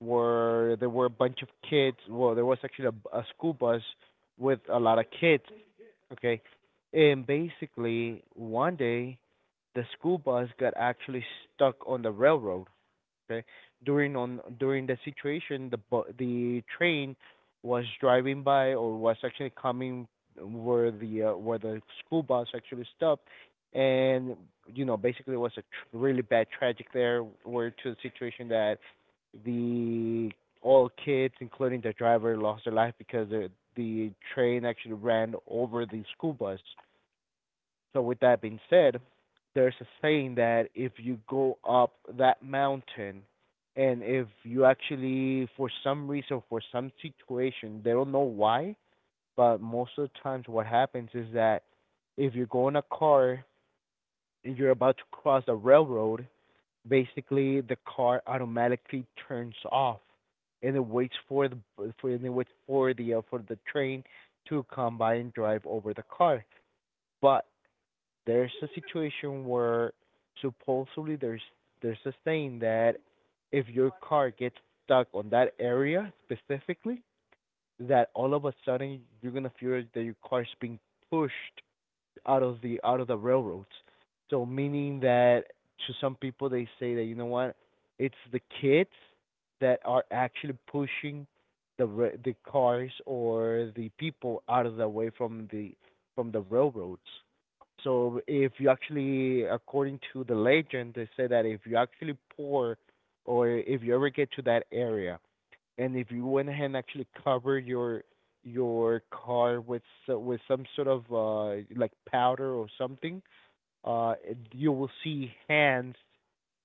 C: where there were a bunch of kids. Well, there was actually a school bus with a lot of kids. Okay. And basically one day the school bus got actually stuck on the railroad. Okay. During the situation, the train was driving by, or was actually coming, where the school bus actually stopped. And you know, basically it was a really bad tragic there, where, to the situation, that the all kids, including the driver, lost their life because the train actually ran over the school bus. So, with that being said, there's a saying that if you go up that mountain, and if you actually, for some reason, for some situation, they don't know why, but most of the times what happens is that if you go in a car and you're about to cross a railroad, basically the car automatically turns off, and it waits for the for and it waits for the train to come by and drive over the car. But there's a situation where, supposedly, there's a saying that if your car gets stuck on that area specifically, that all of a sudden you're gonna feel that your car's being pushed out of the railroads. So meaning that, to some people, they say that, you know what, it's the kids that are actually pushing the cars, or the people, out of the way from the railroads. So, if you actually, according to the legend, they say that if you actually pour, or if you ever get to that area, and if you went ahead and actually covered your car with with some sort of, like, powder or something, uh you will see hands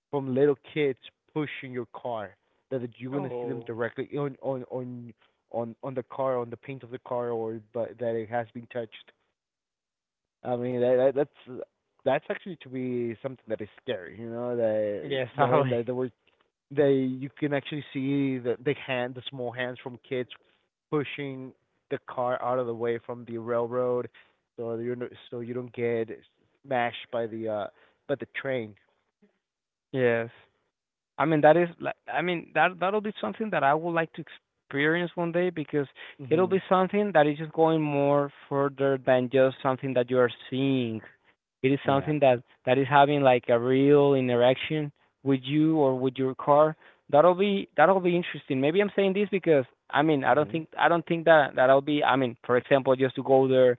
C: from little kids pushing your car. That you're gonna see them
B: Oh.
C: directly on the car, on the paint of the car, or but that it has been touched. I mean that, that's that's actually to be something that is scary, you know, that
B: Yes, [LAUGHS]
C: knowing
B: totally.
C: that there were they you can actually see the small hands from kids pushing the car out of the way from the railroad, so you're no, so you don't get smashed by the train.
B: Yes. I mean that is like, I mean that that'll be something that I would like to experience one day because it'll
C: Mhm.
B: be something that is just going more further than just something that you are seeing. It is
C: Yeah.
B: something that that is having like a real interaction with you or with your car. That'll be, that'll be interesting. Maybe I'm saying this because i mean i don't
C: Mhm,
B: think i don't think that that'll be, I mean, for example, just to go there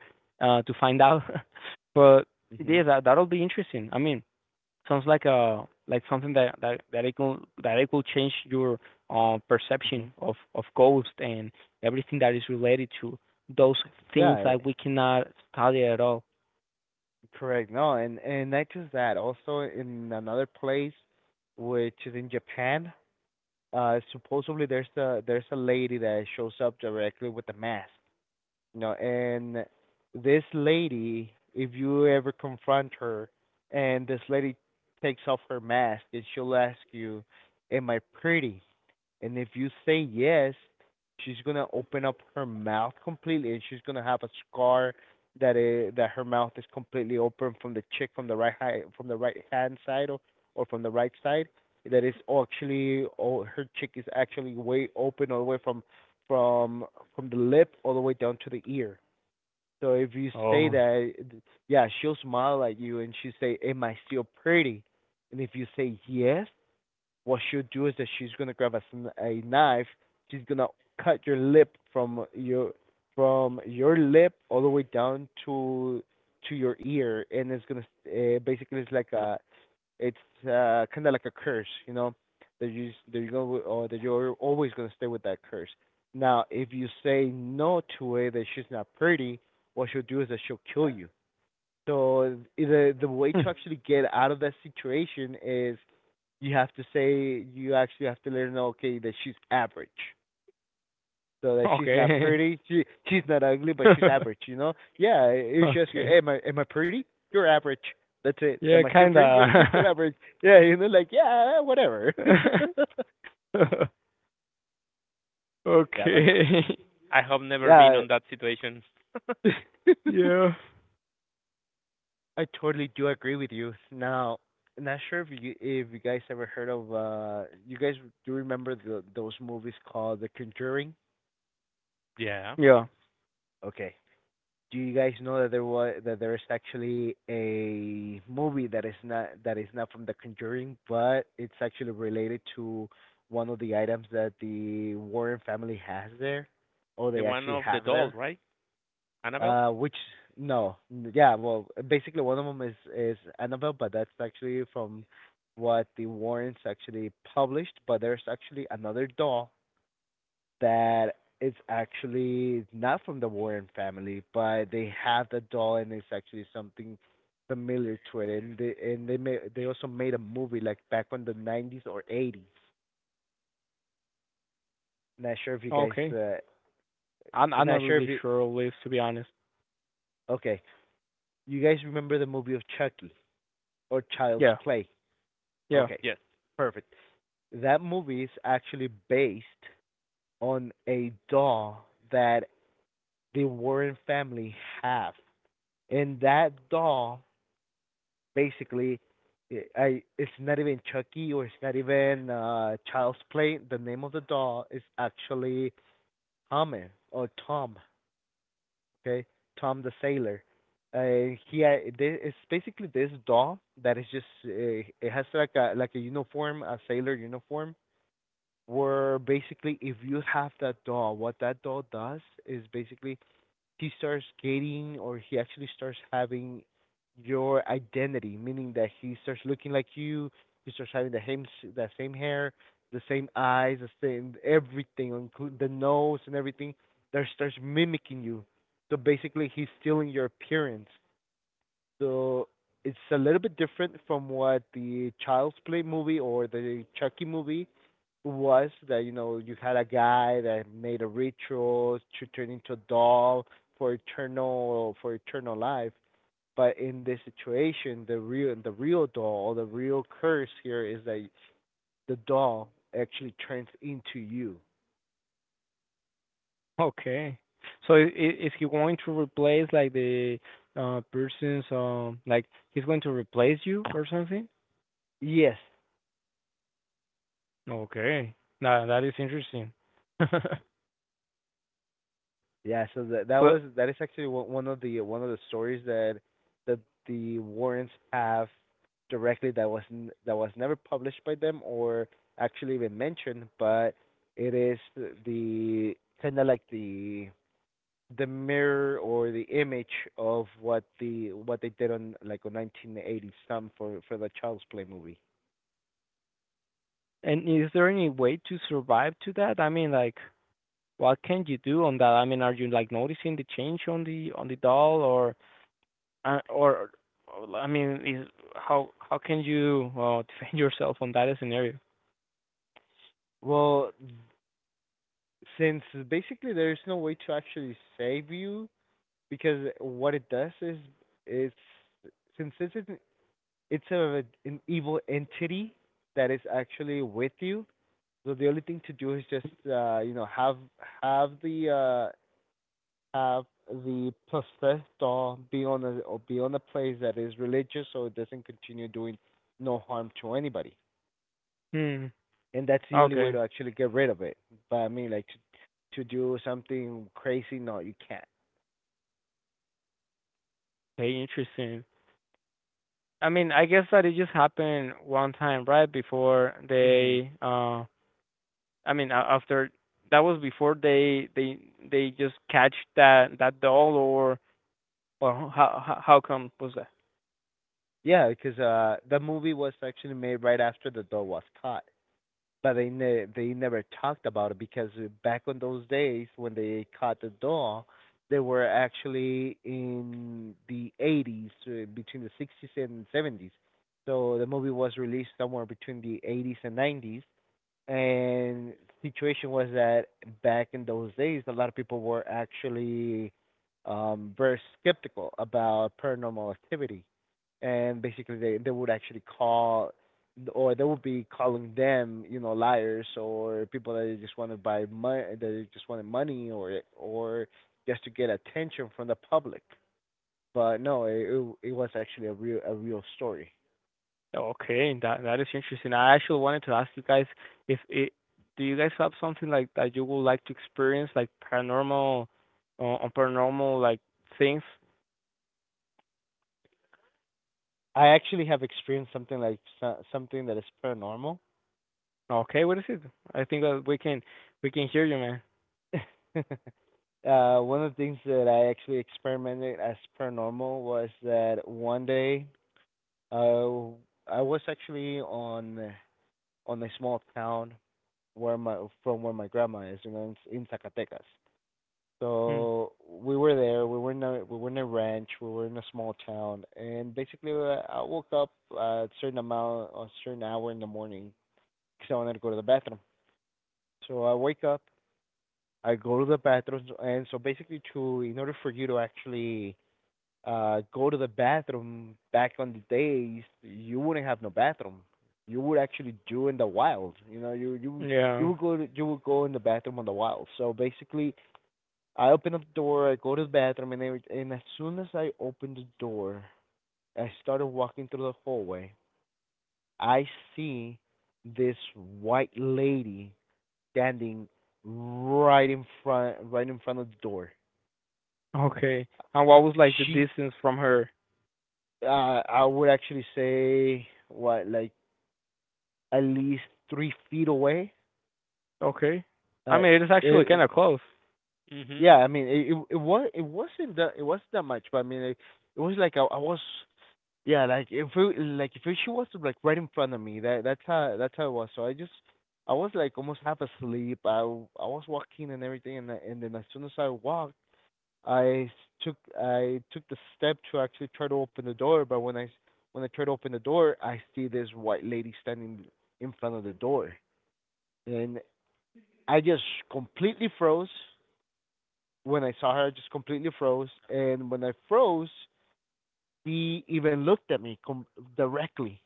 B: to find out. [LAUGHS] But yeah,
C: mhm,
B: that that'll be interesting. I mean, sounds like a like something that it could change your perception
C: mhm.
B: of ghosts and everything that is related to those
C: Yeah,
B: things that we cannot study at all.
C: correct. No, and not just that, also in another place, which is in Japan. Supposedly there's a lady that shows up directly with a mask. You know, and this lady, if you ever confront her, and this lady takes off her mask and she'll ask you, "Am I pretty?" And if you say yes, she's gonna open up her mouth completely, and she's gonna have a scar that is, that her mouth is completely open from the chick, from the right hand side, or from the right side. That is actually, oh, her chick is actually way open all the way from from the lip all the way down to the ear. So if you say
B: Oh.
C: that, yeah, she'll smile at you and she'll say, "Am I still pretty?" And if you say yes, what she'll do is that she's gonna grab a knife. She's gonna cut your lip from your lip all the way down to your ear, and it's gonna, basically, it's like a it's kind of like a curse, you know, that you go or that you're always gonna stay with that curse. Now, if you say no to it, that she's not pretty, what she'll do is that she'll kill you. So the way to
B: [LAUGHS]
C: actually get out of that situation is you have to say, you actually have to let her know, okay, that she's average, so that she's not
B: Okay.
C: pretty, she's not ugly, but she's average,
B: [LAUGHS]
C: you know. Yeah, it's just, you,
B: Okay.
C: "Am I, pretty?" "You're average." That's it. "Am
B: Yeah,
C: I still pretty?" "You're, still
B: kinda.
C: average." Yeah, you know, like, "Yeah, whatever." [LAUGHS]
B: [LAUGHS]
C: Yeah, like.
B: Okay. [LAUGHS]
A: I have never been
C: Yeah.
A: on that situation.
C: [LAUGHS]
B: Yeah.
C: I totally do agree with you now. I'm not sure if you guys ever heard of, you guys do remember those movies called The Conjuring?
A: [LAUGHS] Yeah,
B: Yeah.
C: Okay, do you guys know that there was that there is actually a movie that is not, from The Conjuring, but it's actually related to one of the items that the Warren family has there, or
A: the
C: they
A: one
C: actually
A: of the
C: have
A: doll,
C: there?
A: right? Annabelle.
C: Which, no, yeah, well, basically one of them is Annabelle, but that's actually from what the Warrens actually published. But there's actually another doll that it's actually not from the Warren family, but they have the doll and it's actually something familiar to it. And they also made a movie like back on the 90s or 80s. Not sure if you guys
B: Okay.
C: uh,
B: I'm not
C: Not sure if
B: really
C: you.
B: sure Liz. To be honest.
C: Okay, you guys remember the movie of Chucky or Child's
B: Yeah.
C: Play?
B: Yeah.
C: Okay,
A: Yes.
C: perfect. That movie is actually based on a doll that the Warren family have. And that doll basically, eh, I it's not even Chucky, or it's not even Child's Play. The name of the doll is actually Hammer, or Tom, okay? Tom the Sailor. It's basically this doll that is just, it has like a uniform, a sailor uniform. Where basically, if you have that doll, what that doll does is basically he starts getting, or he actually starts having your identity, meaning that he starts looking like you, he starts having the same hair, the same eyes, the same everything, including the nose and everything, that starts mimicking you. So basically, he's stealing your appearance. So it's a little bit different from what the Child's Play movie or the Chucky movie was, that you had a guy that made a ritual to turn into a doll for eternal life. But in this situation, the real, doll, or the real curse here, is that the doll actually turns into you.
B: Okay. Is he going to replace like the person's like he's going to replace you or something?
C: Yes.
B: Okay. Now that is interesting. [LAUGHS]
C: Yeah, so
B: But
C: that is actually one of the stories that that the Warrens have directly, that was never published by them or actually even mentioned, but it is the kind of like the mirror or the image of what the what they did on like on 1980 some for the Child's Play movie.
B: and is there any way to survive to that? I mean, like what can you do on that? I mean, are you, like, noticing the change on the doll, or, or I mean, is how can you [LAUGHS] defend yourself on that scenario?
C: Well, since basically there's no way to actually save you. Because what it does is, is since it's an, it's a an evil entity that is actually with you, so the only thing to do is just, have the, have the possessed, or be on a, or be on a place that is religious, so it doesn't continue doing no harm to anybody.
B: Hmm.
C: And that's the only way
B: Okay.
C: to actually get rid of it. But I mean, like, to do something crazy, no, you can't.
B: Okay, interesting. I mean, I guess that it just happened one time, right? Before
C: Hmm.
B: they, I mean, a- after that was before they just catch that that doll or how how come was that?
C: Yeah, because, the movie was actually made right after the dog was caught, but they never talked about it because, back in those days when they caught the dog, they were actually in the 80s, between the 60s and 70s. So the movie was released somewhere between the 80s and 90s, and situation was that back in those days, a lot of people were actually, very skeptical about paranormal activity, and basically they would actually call, or they would be calling them, liars, or people that just want to buy money that just wanted money, or just to get attention from the public. But no, it was actually a real, story.
B: Okay, that that is interesting. I actually wanted to ask you guys if it, do you guys have something like that you would like to experience, like paranormal, on paranormal like things?
C: I actually have experienced something that is paranormal.
B: Okay, what is it? I think that we can hear you, man.
C: [LAUGHS] One of the things that I actually experimented as per normal was that one day, uh, I was actually on a small town, where my from where my grandma is, you know, in, Zacatecas.
B: Hmm.
C: So we were there. We were in a, ranch. We were in a small town, and basically, I woke up, a certain hour in the morning, because I wanted to go to the bathroom. So I wake up, I go to the bathroom, and so basically, to in order for you to actually go to the bathroom back on the days, you wouldn't have no bathroom. You would actually do in the wild. You know,
B: Yeah.
C: you would go in the bathroom on the wild. So basically, I open up the door, I go to the bathroom, and as soon as I open the door, I started walking through the hallway. I see this white lady standing right in front of the door.
B: Okay. And what was like the
C: She
B: distance from her?
C: I would actually say, what, like, at least 3 feet away.
B: Okay. I
C: Uh,
B: mean, it is actually
C: it,
B: kind of close.
C: yeah,
A: Mhm.
C: I mean it it was it wasn't that, much, but I mean it was like, I was, yeah, like if like if she was like right in front of me. That that's how it was. So I was like almost half asleep. I was walking and everything, and and then, as soon as I walked, I I took the step to actually try to open the door, but when I tried to open the door, I see this white lady standing in front of the door, and I just completely froze. When I saw her, I just completely froze, and when I froze, she even looked at me, directly.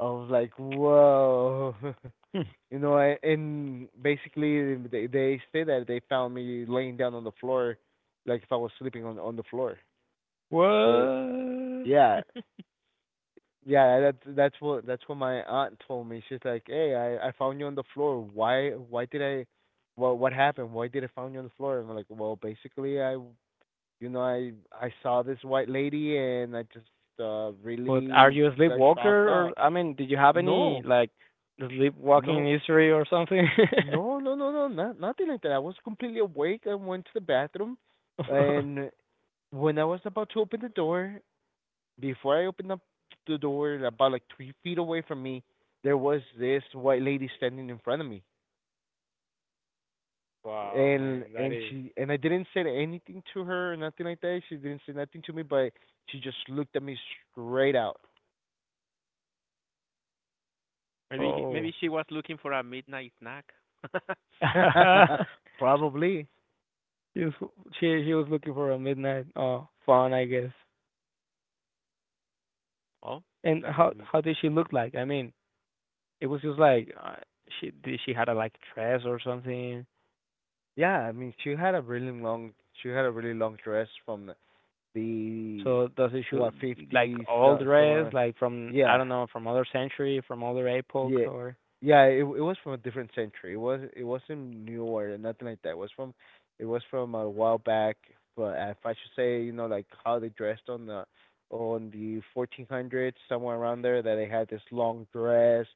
C: I was like, "Whoa." [LAUGHS]
B: Hmm.
C: You know, and basically they say that they found me laying down on the floor, like if I was sleeping on the floor. But
B: What?
C: yeah. Yeah, that's what my aunt told me. She's like, "Hey, I found you on the floor. Why did I what happened? Why did I find you on the floor?" And I'm like, "Well, basically, I saw this white lady and I just,
B: But are
C: really
B: you a
C: got shocked
B: sleepwalker, or
C: out."
B: I mean, did you have any
C: No.
B: like sleepwalking
C: No.
B: history or something? [LAUGHS]
C: No, no, no, no, nothing like that. I was completely awake. I went to the bathroom,
B: [LAUGHS]
C: and when I was about to open the door, before I opened up the door, about like 3 feet away from me, there was this white lady standing in front of me,
B: Wow,
C: and
B: man, that is.
C: she, and I didn't say anything to her or nothing like that. She didn't say nothing to me, but she just looked at me straight out.
A: Maybe maybe
B: Oh.
A: she was looking for a midnight snack. [LAUGHS]
B: [LAUGHS]
C: [LAUGHS] Probably,
B: She was, she was looking for a midnight fun, I guess.
A: Oh,
B: And
A: that
B: how
A: will be.
B: did she look like? I mean, it was just like she did, she had a like dress or something.
C: yeah. I mean, she had a really long dress from the
B: So does it
C: what,
B: shoot like
C: fifties
B: all
C: so,
B: dress
C: somewhere.
B: like from, I
C: Yeah,
B: don't know, from other century from other epoch
C: Yeah,
B: or
C: yeah. It was from a different century. It wasn't new or nothing like that. It was from a while back. But if I should say, you know, like how they dressed on the 1400s, somewhere around there, that they had this long dress,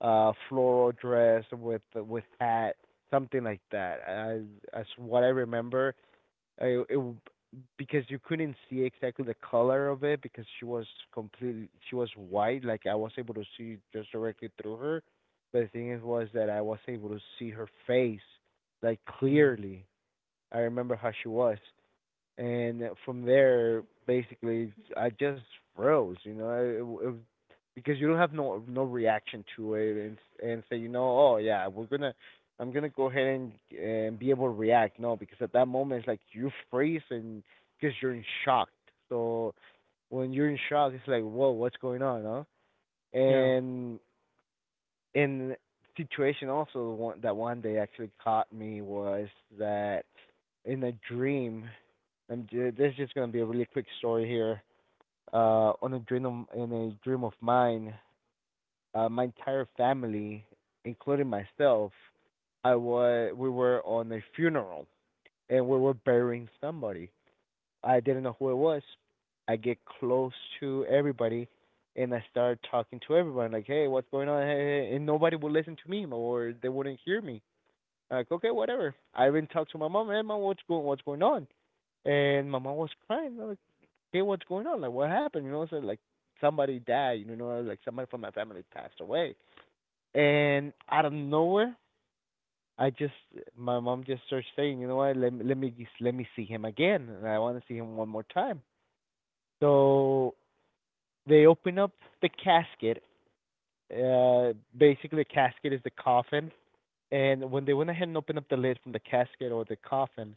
C: floral dress with hat, something like that. As what I remember, I it, because you couldn't see exactly the color of it because she was white. Like I was able to see just directly through her, but the thing is was that I was able to see her face like
B: mm,
C: clearly. I remember how she was, and from there basically I just froze. You know, it because you don't have no reaction to it, and say, you know, oh yeah, we're gonna, I'm gonna go ahead and be able to react. No, because at that moment it's like you freeze, and because you're in shock. So when you're in shock it's like, whoa, what's going on, huh?
B: yeah,
C: And in situation, also one that one day actually caught me, was that in a dream. And this is just gonna be a really quick story here. On a dream of, In a dream of mine, my entire family, including myself, I was we were on a funeral and we were burying somebody. I didn't know who it was. I get close to everybody and I start talking to everyone, like, "Hey, what's going on? Hey, hey, hey," and nobody would listen to me or they wouldn't hear me. Like, okay, whatever. I even talked to my mom. Hey, mom, what's going? What's going on? And my mom was crying. I'm like, hey, what's going on? Like, what happened? You know, so like somebody died. You know, like somebody from my family passed away. And out of nowhere, I just my mom just starts saying, you know what, let me see him again, and I want to see him one more time. So they open up the casket. Basically, the casket is the coffin, and when they went ahead and opened up the lid from the casket or the coffin,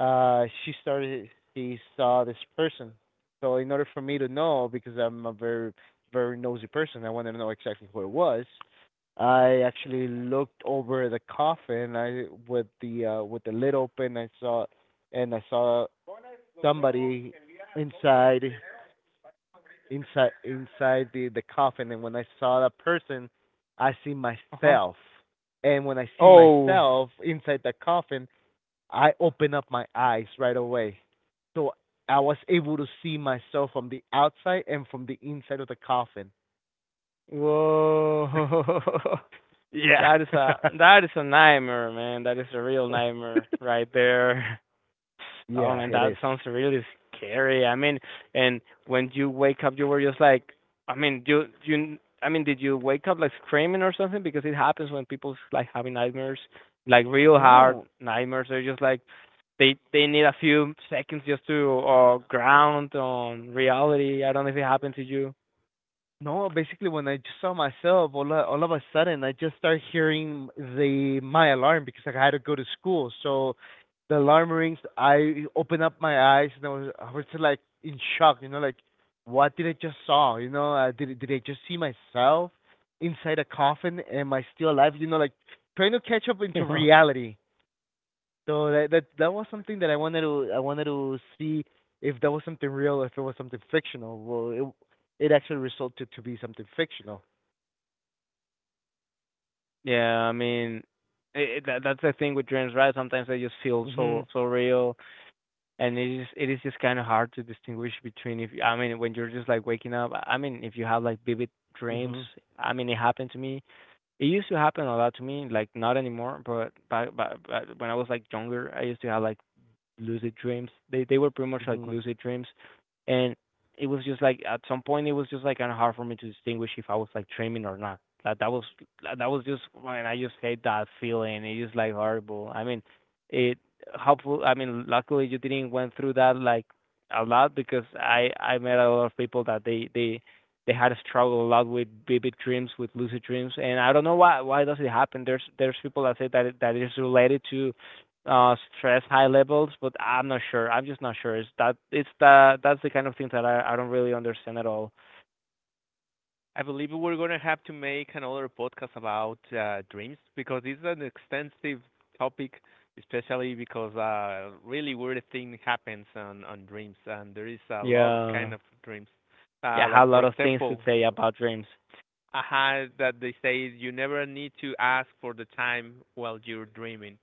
C: uh she started she saw this person. So in order for me to know, because I'm a very nosy person, I wanted to know exactly who it was. I actually looked over the coffin, I with the lid open. I saw somebody inside inside the coffin. And when I saw that person, I see
B: uh huh,
C: myself. And when I see
B: oh,
C: myself inside the coffin, I opened up my eyes right away. So I was able to see myself from the outside and from the inside of the coffin.
B: whoa.
C: [LAUGHS]
B: [LAUGHS]
C: Yeah.
B: That is a, that is a nightmare, man. That is a real
C: [LAUGHS]
B: nightmare right there. [LAUGHS] Oh
C: Yeah,
B: man,
C: it
B: that
C: is.
B: sounds really scary. I mean, and when you wake up, you were just like, I mean, you, I mean, did you wake up like screaming or something? Because it happens when people like having nightmares, like real hard
C: No,
B: nightmares. They're just like, they need a few seconds just to ground on reality. I don't know if it happened to you.
C: No, basically when I just saw myself, all of a sudden I just started hearing the my alarm because I had to go to school. So the alarm rings. I open up my eyes and I was just like in shock. You know, like, what did I just saw? You know, did did I just see myself inside a coffin? Am I still alive? You know, like, trying to catch up into
B: [LAUGHS]
C: reality. So that was something that I wanted to see if that was something real, if it was something fictional. Well, it actually resulted to be something fictional.
B: Yeah, I mean, it, that that's the thing with dreams, right? Sometimes they just feel so
C: Mhm.
B: so real, and it is, it is just kind of hard to distinguish between if, I mean, when you're just like waking up. I mean, if you have like vivid dreams,
C: Mhm.
B: I mean it happened to me. It used to happen a lot to me, like not anymore, but back when I was like younger, I used to have like lucid dreams. They were pretty much like
C: Mhm.
B: lucid dreams, and it was just like at some point it was just like kind of hard for me to distinguish if I was like dreaming or not. That that was, that was just when I just hate that feeling. It is like horrible. I mean, it hopeful. I mean, luckily you didn't went through that like a lot because I met a lot of people that they had to struggle a lot with vivid dreams, with lucid dreams, and I don't know why does it happen. There's people that say that it is related to stress high levels, but I'm not sure, I'm just not sure. It's that it's the, that's the kind of thing that I don't really understand at all.
A: I believe we're gonna have to make another podcast about dreams because it's an extensive topic, especially because really weird thing happens on dreams, and there is a lot of kind
B: Yeah.
A: of dreams.
B: Yeah, I
A: Like
B: have a
A: for
B: lot of things to
A: example,
B: say about dreams.
A: I that they say you never need to ask for the time while you're dreaming,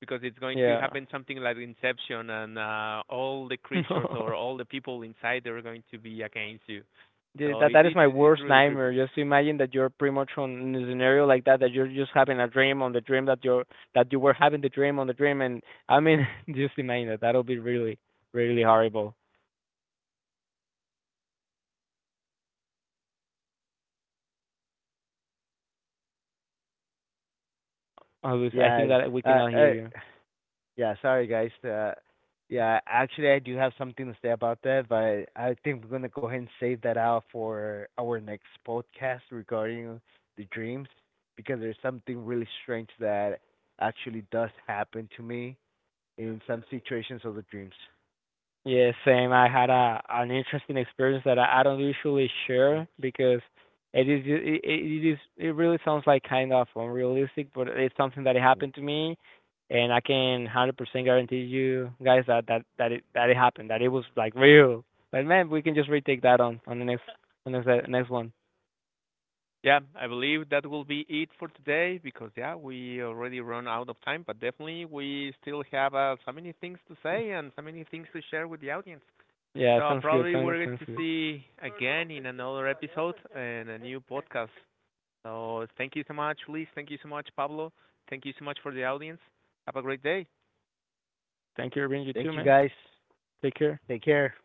A: because it's going to
B: Yeah. [LAUGHS]
A: happen something like Inception, and all the creatures or all the people inside they're going to be against you.
B: Yeah,
A: So
B: that that is my
A: it's
B: worst
A: really creepy.
B: nightmare. Just imagine that you're pretty much on in a scenario like that, that you're just having a dream on the dream, that you're, that you were having the dream on the dream, and I mean [LAUGHS] just imagine that that'll be really really horrible. I was, I think
C: Yeah.
B: that we
C: Uh.
B: cannot hear
C: Uh.
B: you.
C: Yeah. Sorry, guys. Yeah. Actually, I do have something to say about that, but I think we're gonna go ahead and save that out for our next podcast regarding the dreams, because there's something really strange that actually does happen to me in some situations of the dreams.
B: Yeah, same. I had a an interesting experience that I don't usually
C: Well,
B: share because it is, it is, it really sounds like kind of unrealistic, but it's something that
C: so
B: happened to me, and I can 100% guarantee you guys that that that it, that it happened, that it was like real. But man, we can just retake that on the next, on the next next one.
A: Yeah, I believe that will be it for today because yeah, we already run out of time, but definitely we still have so many things to say
B: [LAUGHS]
A: and so many things to share with the audience.
B: Yeah,
A: So
B: sounds good.
A: probably
B: Sounds
A: we're going
B: sounds
A: to
B: good.
A: see again in another episode and a new podcast. So thank you so much, Liz. Thank you so much, Pablo. Thank you so much for the audience. Have a great day.
B: Thank you, Irving. You too,
C: Thank you
B: man.
C: guys.
B: Take care.
C: Take care.